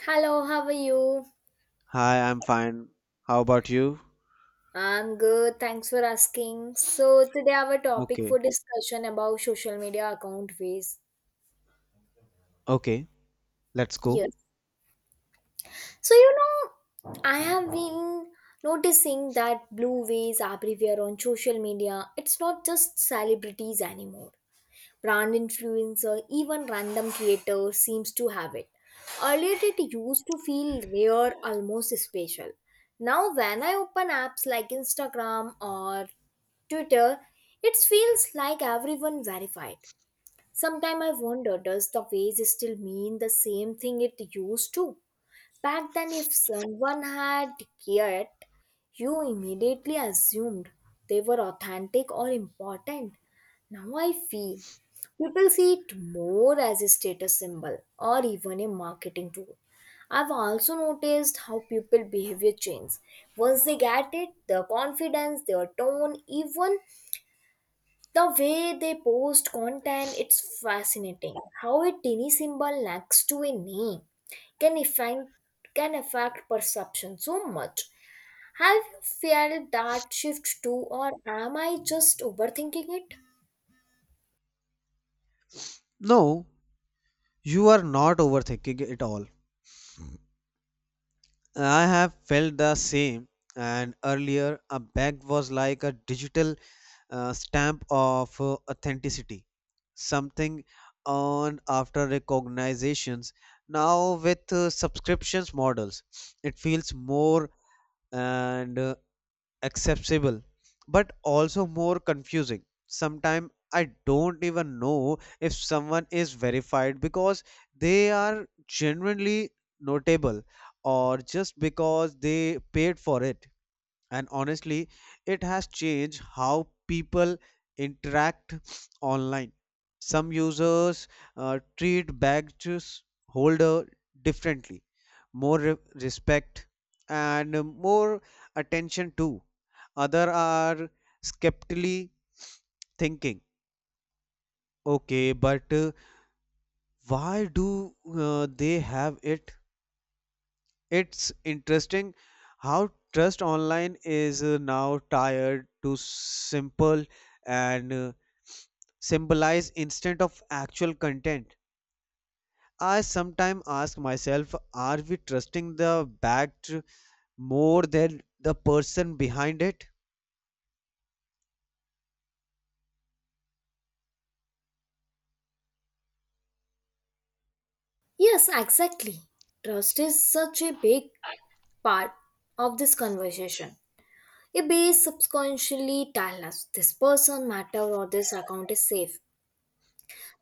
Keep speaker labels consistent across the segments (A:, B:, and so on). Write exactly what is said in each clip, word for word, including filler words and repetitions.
A: Hello, how are you?
B: Hi, I'm fine. How about you?
A: I'm good, thanks for asking. So today our topic
B: Okay,
A: for discussion about social media account ways.
B: okay, let's go.
A: Yes. So you know, I have been noticing that blue ways everywhere on social media. It's not just celebrities anymore. Brand influencer, even random creator seems to have it. Earlier it used to feel rare, almost special. Now when I open apps like Instagram or Twitter, it feels like everyone verified. Sometimes I wonder, does the phrase still mean the same thing it used to? Back then, if someone had yet, you immediately assumed they were authentic or important. Now I feel people see it more as a status symbol or even a marketing tool. I've also noticed how people behavior changes. Once they get it, their confidence, their tone, even the way they post content, it's fascinating how a tiny symbol next to a name can affect can affect perception so much. Have you felt that shift too, or am I just overthinking it?
B: No, you are not overthinking it all. I have felt the same, and earlier a bag was like a digital uh, stamp of uh, authenticity, something on after recognitions. Now, with uh, subscriptions models, it feels more and uh, accessible but also more confusing. Sometimes I don't even know if someone is verified because they are genuinely notable or just because they paid for it. And honestly, it has changed how people interact online. Some users uh, treat badges holder differently, more re- respect and more attention too. Other are skeptically thinking, okay, but uh, why do uh, they have it? It's interesting how trust online is uh, now tired to simple and uh, symbolize instead of actual content. I sometimes ask myself, are we trusting the backed more than the person behind it?
A: Yes, exactly. Trust is such a big part of this conversation. It base subconsciously tell us this person matter or this account is safe.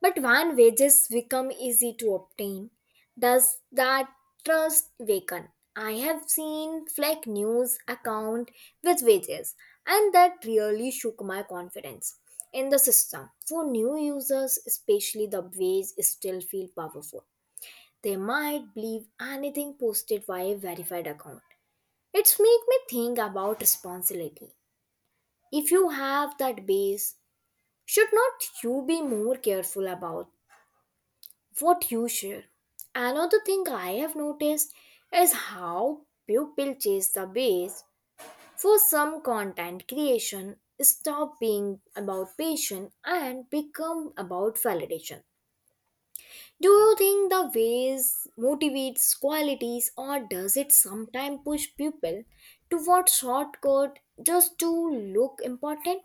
A: But when wages become easy to obtain, does that trust weaken? I have seen fake news account with wages, and that really shook my confidence in the system. For new users, especially, the wage still feel powerful. They might believe anything posted by a verified account. It's make me think about responsibility. If you have that base, should not you be more careful about what you share? Another thing I have noticed is how people chase the base. For some, content creation stop being about passion and become about validation. Do you think the ways motivates qualities, or does it sometimes push people toward shortcut just to look important?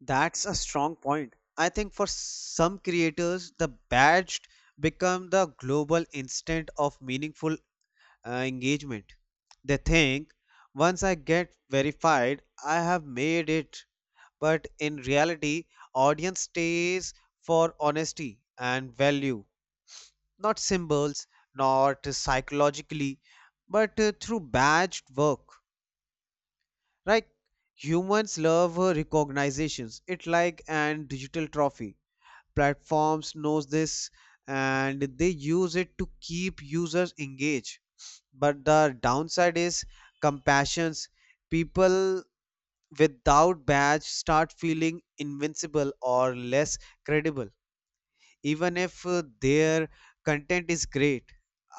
B: That's a strong point. I think for some creators, the badge become the global instant of meaningful uh, engagement. They think, once I get verified, I have made it. But in reality, audience stays for honesty and value, not symbols, not psychologically, but uh, through badged work. Right? Humans love uh, recognitions. It like an digital trophy. Platforms knows this, and they use it to keep users engaged, but the downside is compassions. People without badge start feeling invincible or less credible, even if uh, their content is great.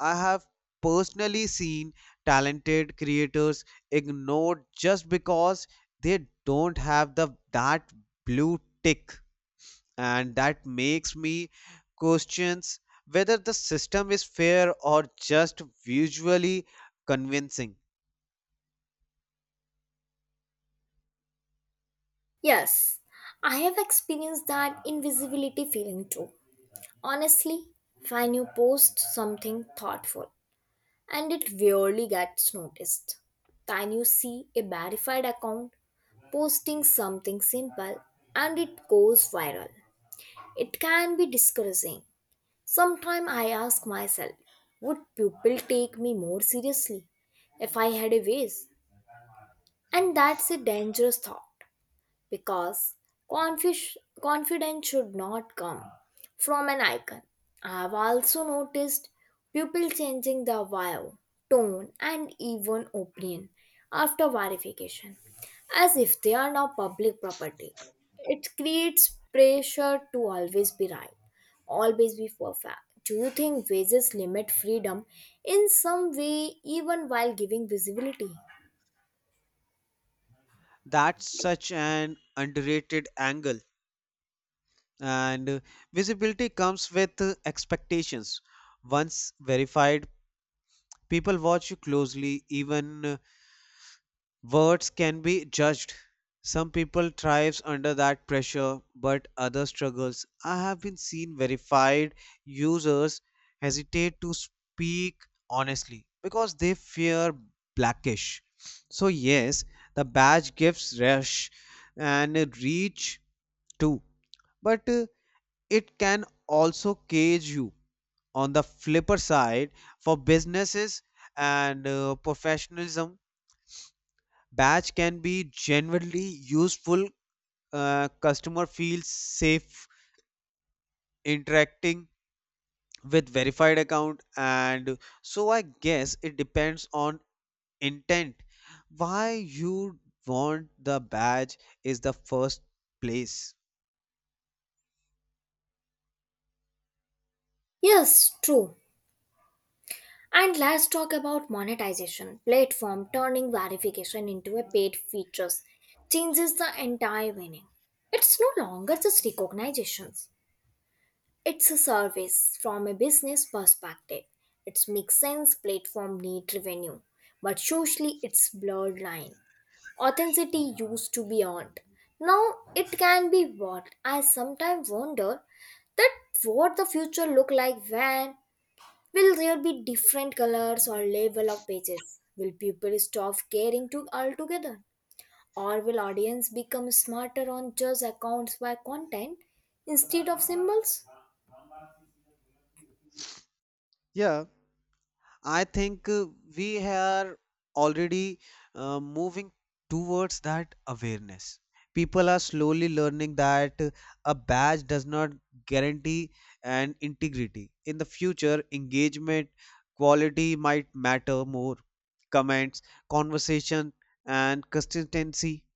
B: I have personally seen talented creators ignored just because they don't have the that blue tick, and that makes me questions whether the system is fair or just visually convincing.
A: Yes, I have experienced that invisibility feeling too. Honestly, when you post something thoughtful and it rarely gets noticed, then you see a verified account posting something simple and it goes viral. It can be discouraging. Sometimes I ask myself, would people take me more seriously if I had a voice? And that's a dangerous thought because confi- confidence should not come from an icon. I've also noticed people changing their vibe, tone, and even opinion after verification, as if they are now public property. It creates pressure to always be right, always be perfect. Do you think wages limit freedom in some way, even while giving visibility?
B: That's such an underrated angle, and uh, visibility comes with uh, expectations. Once verified, people watch you closely, even uh, words can be judged. Some people thrives under that pressure, but others struggles. I have been seen verified users hesitate to speak honestly because they fear blackish. So yes, the badge gives rush and reach too, but uh, it can also cage you. On the flipper side, for businesses and uh, professionalism, badge can be genuinely useful. Uh, customer feels safe interacting with verified account, and so I guess it depends on intent. Why you want the badge is the first place.
A: Yes, true. And let's talk about monetization. Platform turning verification into a paid features changes the entire meaning. It's no longer just recognitions. It's a service. From a business perspective, it makes sense platform need revenue, but socially it's blurred line. Authenticity used to be earned. Now it can be bought. I sometimes wonder that what the future look like when will there be different colors or level of pages? Will people stop caring to altogether? Or will audience become smarter on just accounts by content instead of symbols?
B: Yeah. I think uh, we are already uh, moving towards that awareness. People are slowly learning that uh, a badge does not guarantee an integrity. In the future, engagement quality might matter more. Comments, conversation, and consistency.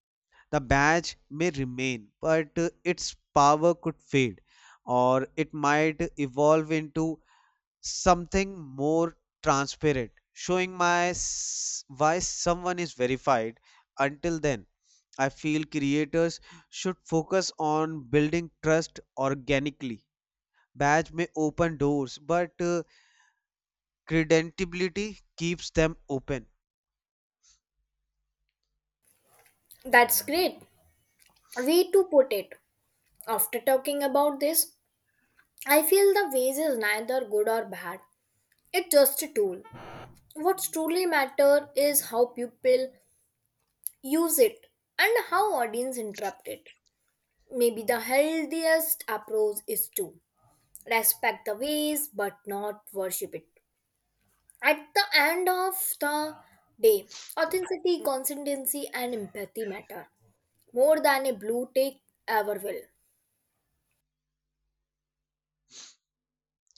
B: The badge may remain, but uh, its power could fade, or it might evolve into something more transparent, showing my s- why someone is verified. Until then, I feel creators should focus on building trust organically. Badge may open doors, but uh, credentiality keeps them open.
A: That's great. Way to put it. After talking about this, I feel the ways is neither good or bad. It's just a tool. What truly matter is how people use it and how audience interrupt it. Maybe the healthiest approach is to respect the ways but not worship it. At the end of the day, authenticity, consistency, and empathy matter more than a blue tick ever will.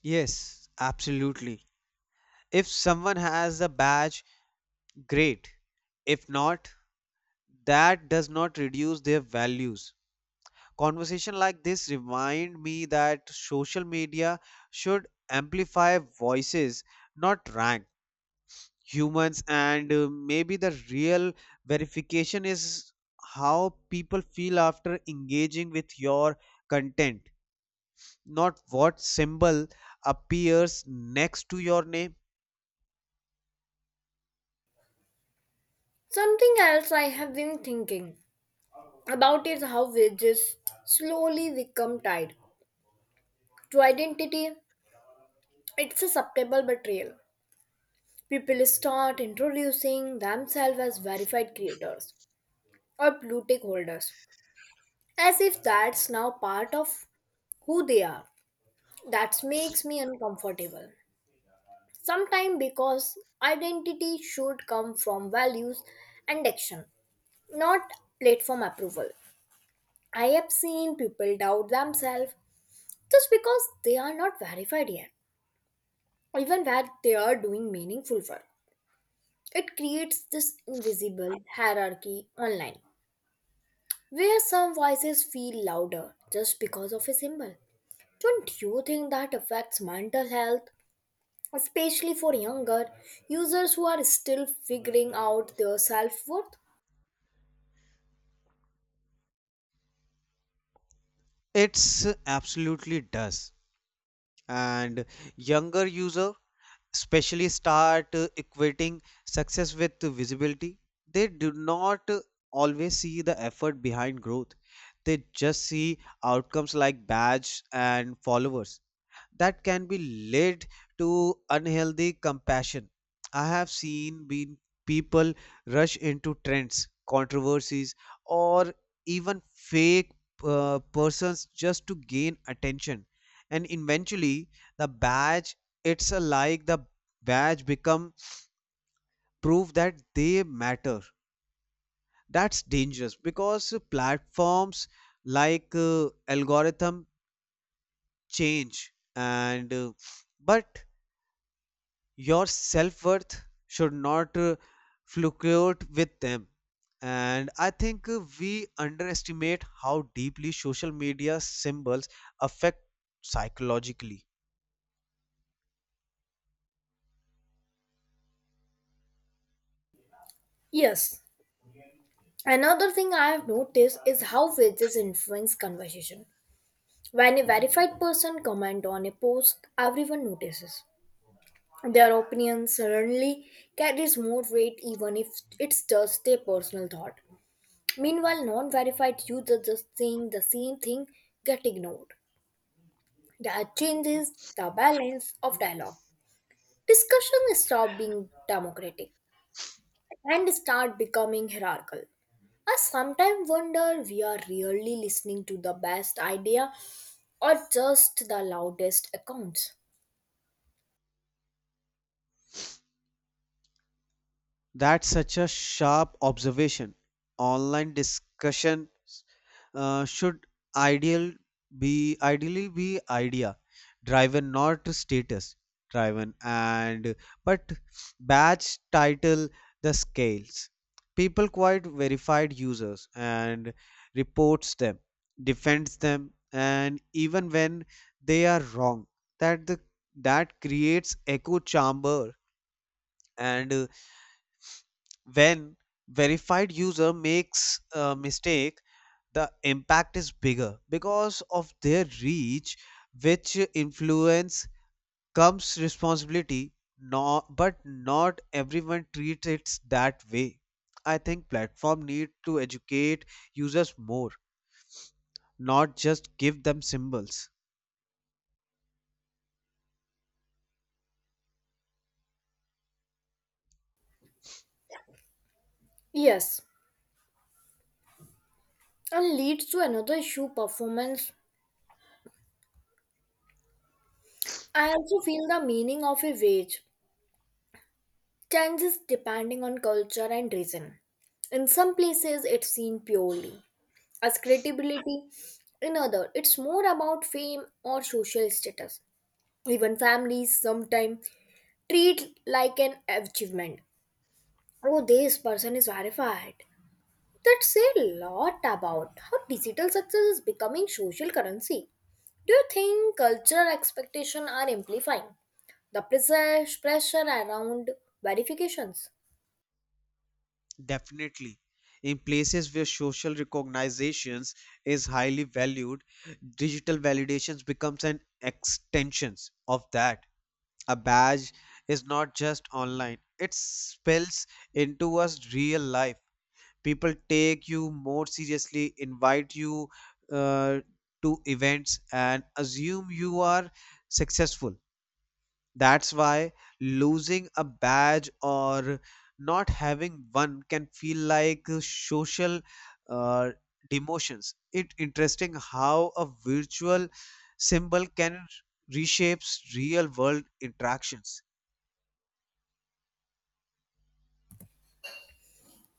B: Yes, absolutely. If someone has a badge, great. If not, that does not reduce their values. Conversation like this remind me that social media should amplify voices, not rank humans, and uh, maybe the real verification is how people feel after engaging with your content, not what symbol appears next to your name.
A: Something else I have been thinking about is how wages slowly become tied to identity. It's a subtle betrayal. People start introducing themselves as verified creators or blue tick holders, as if that's now part of who they are. That makes me uncomfortable sometimes, because identity should come from values and action, not platform approval. I have seen people doubt themselves just because they are not verified yet, even where they are doing meaningful work. It creates this invisible hierarchy online, where some voices feel louder just because of a symbol. Don't you think that affects mental health, especially for younger users who are still figuring out their self worth?
B: It's absolutely does. And younger user especially start uh, equating success with visibility. They do not uh, always see the effort behind growth. They just see outcomes like badge and followers that can be led to unhealthy compassion. I have seen been people rush into trends, controversies, or even fake uh, persons just to gain attention, and eventually the badge, it's a like the badge become proof that they matter. That's dangerous because platforms like uh, algorithm change and uh, but your self worth should not uh, fluctuate with them. And I think uh, we underestimate how deeply social media symbols affect psychologically.
A: Yes, another thing I have noticed is how wages influence conversation. When a verified person comment on a post, everyone notices. Their opinion suddenly carries more weight even if it's just a personal thought. Meanwhile, non-verified users just saying the same thing get ignored. That changes the balance of dialogue. Discussion stop being democratic and start becoming hierarchical. I sometimes wonder, we are really listening to the best idea or just the loudest accounts.
B: That's such a sharp observation. Online discussion uh, should ideal be ideally be idea driven, not status driven, and but batch title the scales. People quite verified users and reports them, defends them, and even when they are wrong, that the that creates echo chamber, and uh, when verified user makes a mistake, the impact is bigger because of their reach, which influence comes responsibility, not, but not everyone treats it that way. I think platform need to educate users more, not just give them symbols.
A: Yes, and leads to another issue, performance. I also feel the meaning of a wage changes depending on culture and region. In some places, it's seen purely as credibility. In other, it's more about fame or social status. Even families sometimes treat like an achievement. Oh, this person is verified. That say a lot about how digital success is becoming social currency. Do you think cultural expectations are amplifying the pressure pressure around verifications?
B: Definitely. In places where social recognizations is highly valued, digital validations becomes an extensions of that. A badge is not just online, it spills into us real life. People take you more seriously, invite you uh, to events and assume you are successful. That's why losing a badge or not having one can feel like uh, social uh, demotions. It's interesting how a virtual symbol can reshapes real world interactions.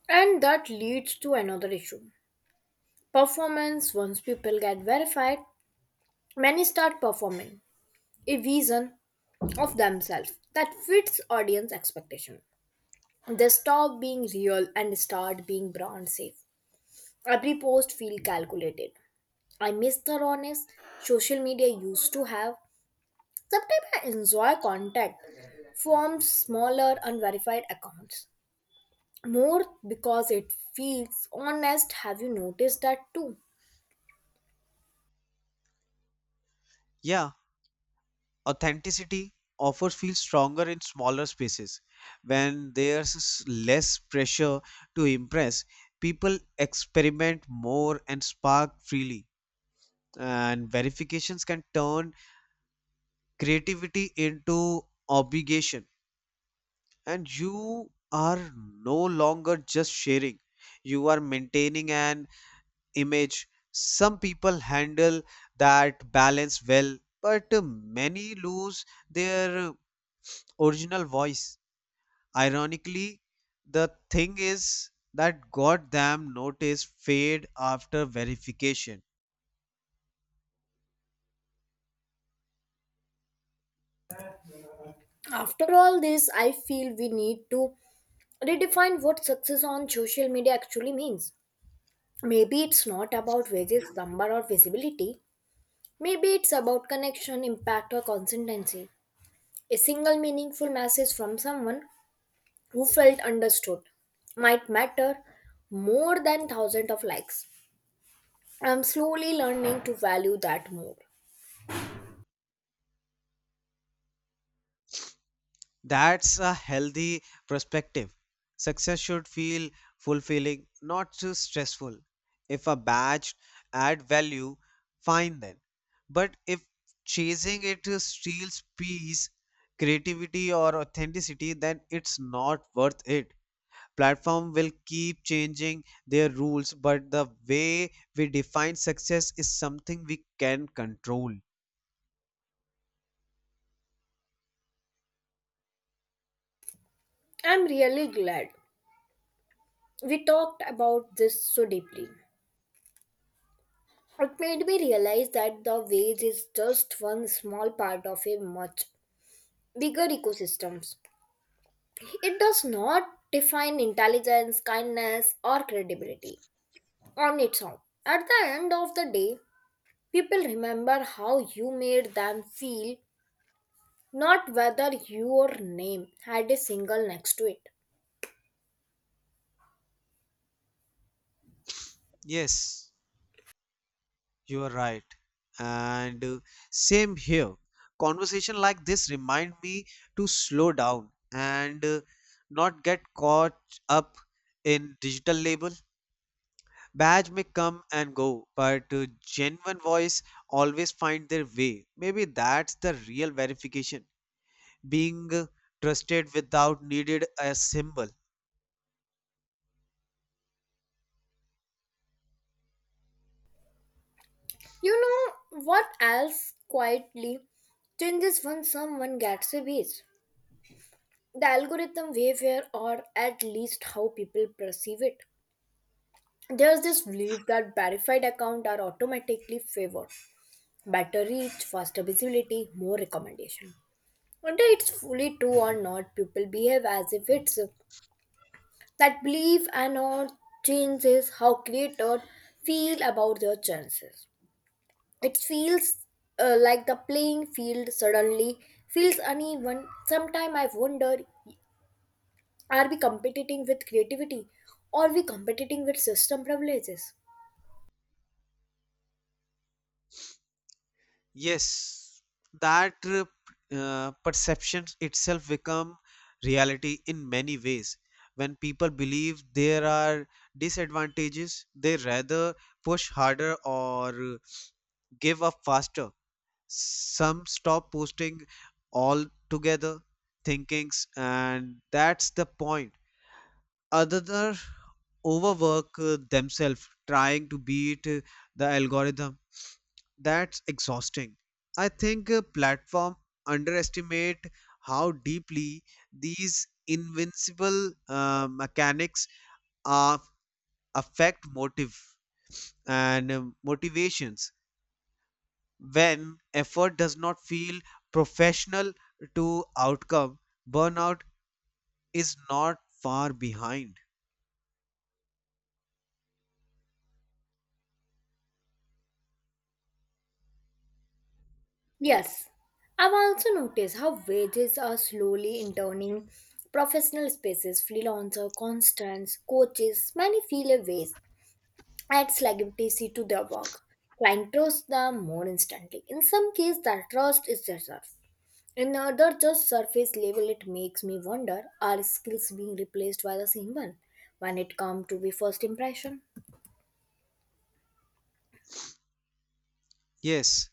A: And that leads to another issue. Performance, once people get verified, many start performing a vision of themselves that fits audience expectation. They stop being real and start being brand safe. Every post feel calculated. I miss the rawness social media used to have. Sometimes I enjoy contact from smaller unverified accounts more because it feels honest. Have you noticed that too?
B: Yeah, authenticity often feels stronger in smaller spaces. When there's s- less pressure to impress, people experiment more and spark freely. And verifications can turn creativity into obligation, and you are no longer just sharing, you are maintaining an image. Some people handle that balance well, but many lose their original voice. Ironically, the thing is that got them noticed fade after verification.
A: After all this, I feel we need to redefine what success on social media actually means. Maybe it's not about wages, number, or visibility. Maybe it's about connection, impact, or consistency. A single meaningful message from someone who felt understood might matter more than thousands of likes. I'm slowly learning to value that more.
B: That's a healthy perspective. Success should feel fulfilling, not too stressful. If a badge add value, fine then. But if chasing it steals peace, creativity or authenticity, then it's not worth it. Platform will keep changing their rules, but the way we define success is something we can control.
A: I'm really glad we talked about this so deeply. It made me realize that the wage is just one small part of a much bigger ecosystem. It does not define intelligence, kindness, or credibility on its own. At the end of the day, people remember how you made them feel, not whether your name had a single next to it.
B: Yes. You are right. And uh, same here. Conversation like this remind me to slow down and uh, not get caught up in digital label. Badge may come and go, but uh, genuine voice always find their way. Maybe that's the real verification. Being uh, trusted without needed a symbol.
A: You know what else quietly changes when someone gets a base? The algorithm behavior, or at least how people perceive it. There's this belief that verified accounts are automatically favored. Better reach, faster visibility, more recommendation. Whether it's fully true or not, people behave as if it's uh, that belief and not changes how creators feel about their chances. It feels uh, like the playing field suddenly feels uneven. Sometimes I wonder, are we competing with creativity or we competing with system privileges?
B: Yes, that uh, uh, perception itself become reality in many ways. When people believe there are disadvantages, they rather push harder or uh, give up faster. Some stop posting altogether, thinkings, and that's the point. Other overwork uh, themselves trying to beat uh, the algorithm, that's exhausting. I think uh, platform underestimate how deeply these invincible uh, mechanics are, affect motive and um, motivations. When effort does not feel professional to outcome, burnout is not far behind.
A: Yes, I've also noticed how wages are slowly entering professional spaces. Freelancer, constants, coaches, many feel a waste adds legitimacy to their work. Client trusts them more instantly. In some cases, that trust is deserved. In other, just surface level. It makes me wonder, are skills being replaced by the same one when it comes to the first impression?
B: Yes,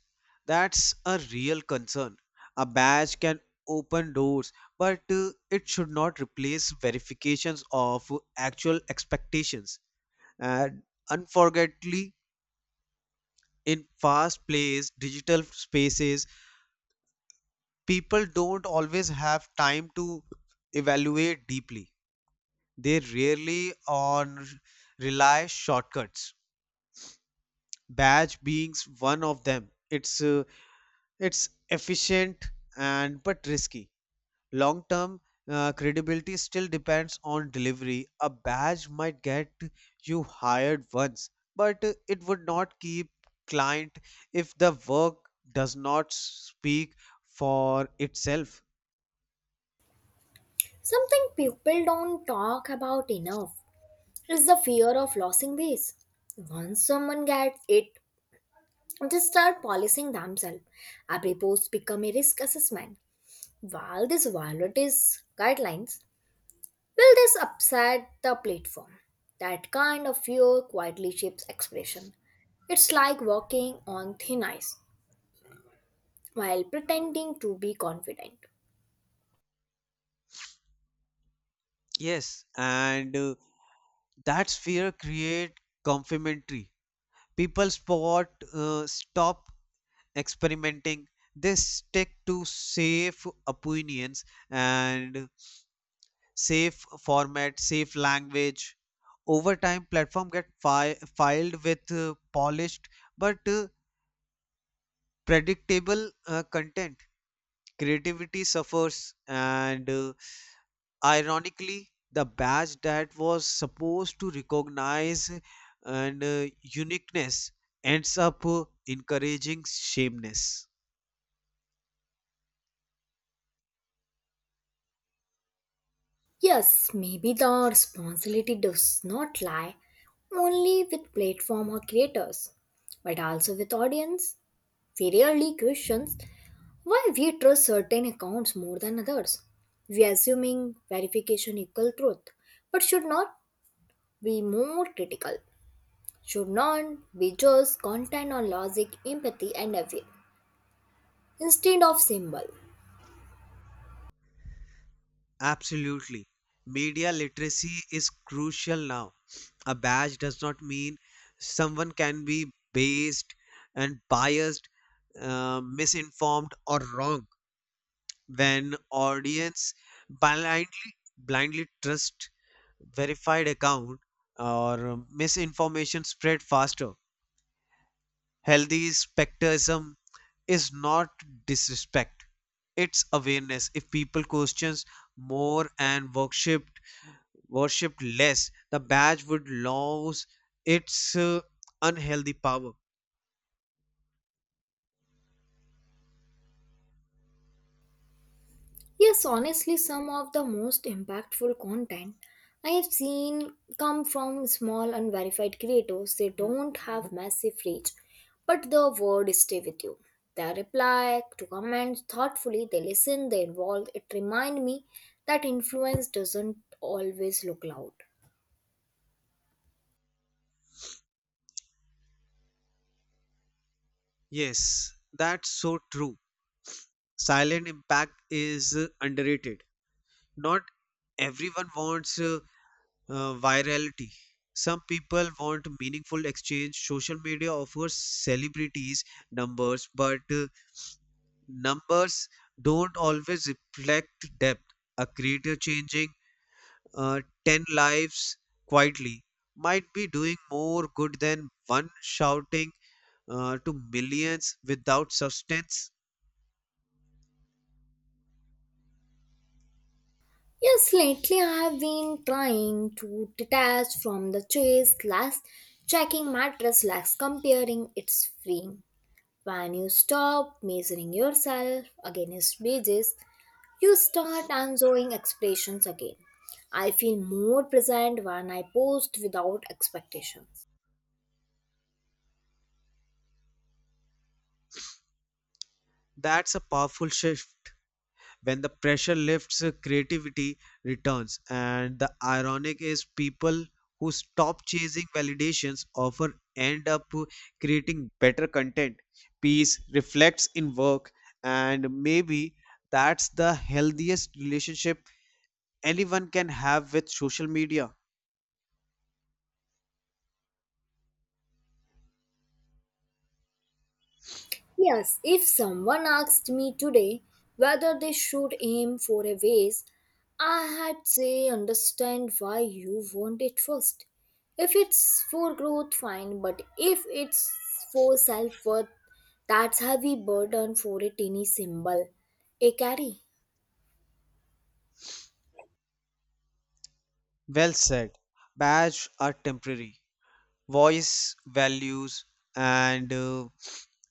B: that's a real concern. A badge can open doors, but uh, it should not replace verifications of actual expectations. And unfortunately, in fast paced digital spaces, people don't always have time to evaluate deeply. They rarely on rely shortcuts. Badge being one of them. It's uh, it's efficient and but risky long term. Uh, credibility still depends on delivery. A badge might get you hired once, but uh, it would not keep client if the work does not speak for itself.
A: Something people don't talk about enough is the fear of losing base. Once someone gets it, they start policing themselves. Every post become a risk assessment. While this violates guidelines, will this upset the platform? That kind of fear quietly shapes expression. It's like walking on thin ice while pretending to be confident.
B: Yes, and uh, that sphere create complementary. People spot uh, stop experimenting, they stick to safe opinions and safe format, safe language. Over time, platform get fi- filed with uh, polished but uh, predictable uh, content. Creativity suffers, and uh, ironically, the badge that was supposed to recognize and uh, uniqueness ends up uh, encouraging shameness.
A: Yes, maybe the responsibility does not lie only with platform or creators, but also with audience. We rarely question why we trust certain accounts more than others. We assuming verification equal truth, but should not be more critical. Should not be just content on logic, empathy, and effect instead of symbol.
B: Absolutely, media literacy is crucial now. A badge does not mean someone can be based and biased, uh, misinformed or wrong. When audience blindly blindly trust verified account or um, misinformation spread faster, healthy skepticism is not disrespect, it's awareness. If people questions more and worship worshipped less, the badge would lose its uh, unhealthy power.
A: Yes, honestly, some of the most impactful content I have seen come from small unverified creators. They don't have massive reach, but the word stay with you. They reply to comments thoughtfully. They listen. They involve. It reminds me that influence doesn't always look loud.
B: Yes, that's so true. Silent impact is uh, underrated. Not everyone wants uh, uh, virality. Some people want meaningful exchange. Social media offers celebrities numbers, but uh, numbers don't always reflect depth. A creator changing uh, ten lives quietly might be doing more good than one shouting uh, to millions without substance.
A: Yes, lately I have been trying to detach from the chase. Last checking mattress legs, comparing its freeing. When you stop measuring yourself against wages, you start answering expressions again. I feel more present when I post without expectations.
B: That's a powerful shift. When the pressure lifts, uh, creativity returns. And the ironic is, people who stop chasing validations often end up uh, creating better content. Peace reflects in work, and maybe that's the healthiest relationship anyone can have with social media.
A: Yes, if someone asked me today whether they should aim for a vase, I had say understand why you want it first. If it's for growth, fine, but if it's for self worth, that's heavy burden for a tiny symbol. A carry.
B: Well said. Badge are temporary. Voice, values, and uh,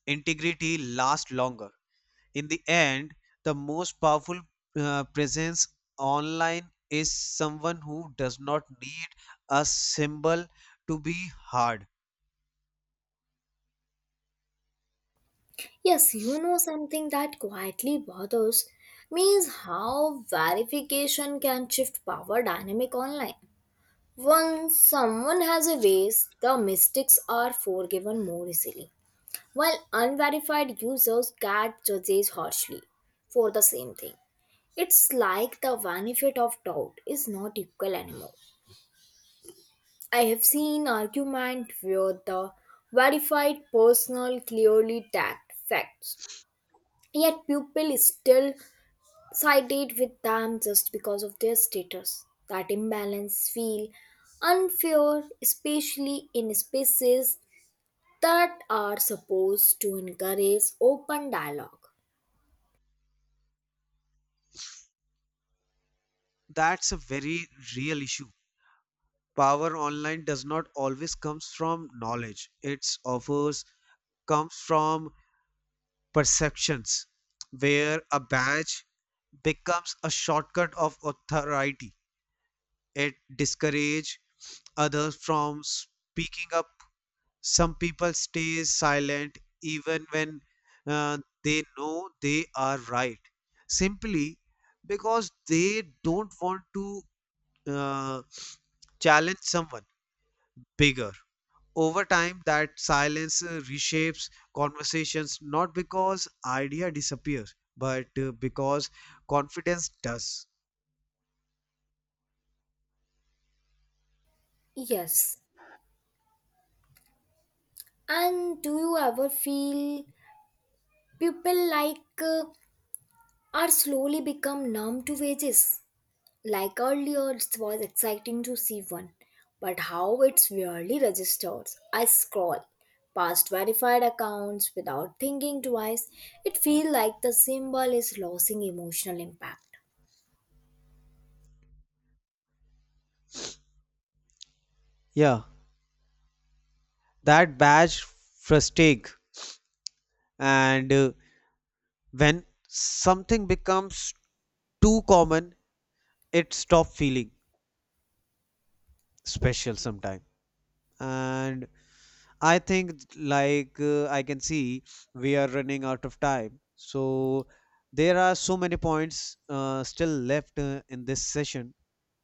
B: integrity last longer. In the end, the most powerful uh, presence online is someone who does not need a symbol to be hard.
A: Yes, you know something that quietly bothers me is how verification can shift power dynamic online. Once someone has a ways, the mistakes are forgiven more easily, while unverified users get judged harshly for the same thing. It's like the benefit of doubt is not equal anymore. I have seen argument where the verified personal clearly tagged facts, yet people still sided with them just because of their status. That imbalance feel unfair, especially in spaces that are supposed to encourage open dialogue.
B: That's a very real issue. Power online does not always comes from knowledge. It offers comes from perceptions where a badge becomes a shortcut of authority. It discourages others from speaking up. Some people stay silent even when uh, they know they are right, simply because they don't want to uh, challenge someone bigger. Over time, that silence uh, reshapes conversations, not because idea disappears, but uh, because confidence does.
A: Yes. And do you ever feel people like uh, are slowly become numb to wages? Like earlier, it was exciting to see one, but how it really registers. I scroll past verified accounts without thinking twice. It feels like the symbol is losing emotional impact.
B: Yeah, that badge frustrate, and uh, when something becomes too common, it stops feeling special sometime. And I think, like uh, I can see, we are running out of time. So there are so many points uh, still left uh, in this session.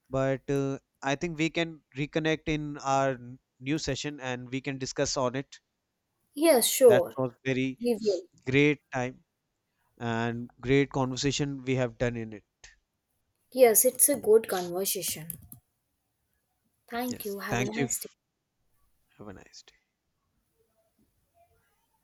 B: But uh, I think we can reconnect in our n- new session and we can discuss on it.
A: Yes,
B: That
A: sure,
B: was very
A: we will.
B: great time and great conversation we have done in it.
A: Yes, it's a good conversation. Thank
B: Yes.
A: you. Have a
B: Thank you.
A: nice day.
B: Have a nice day.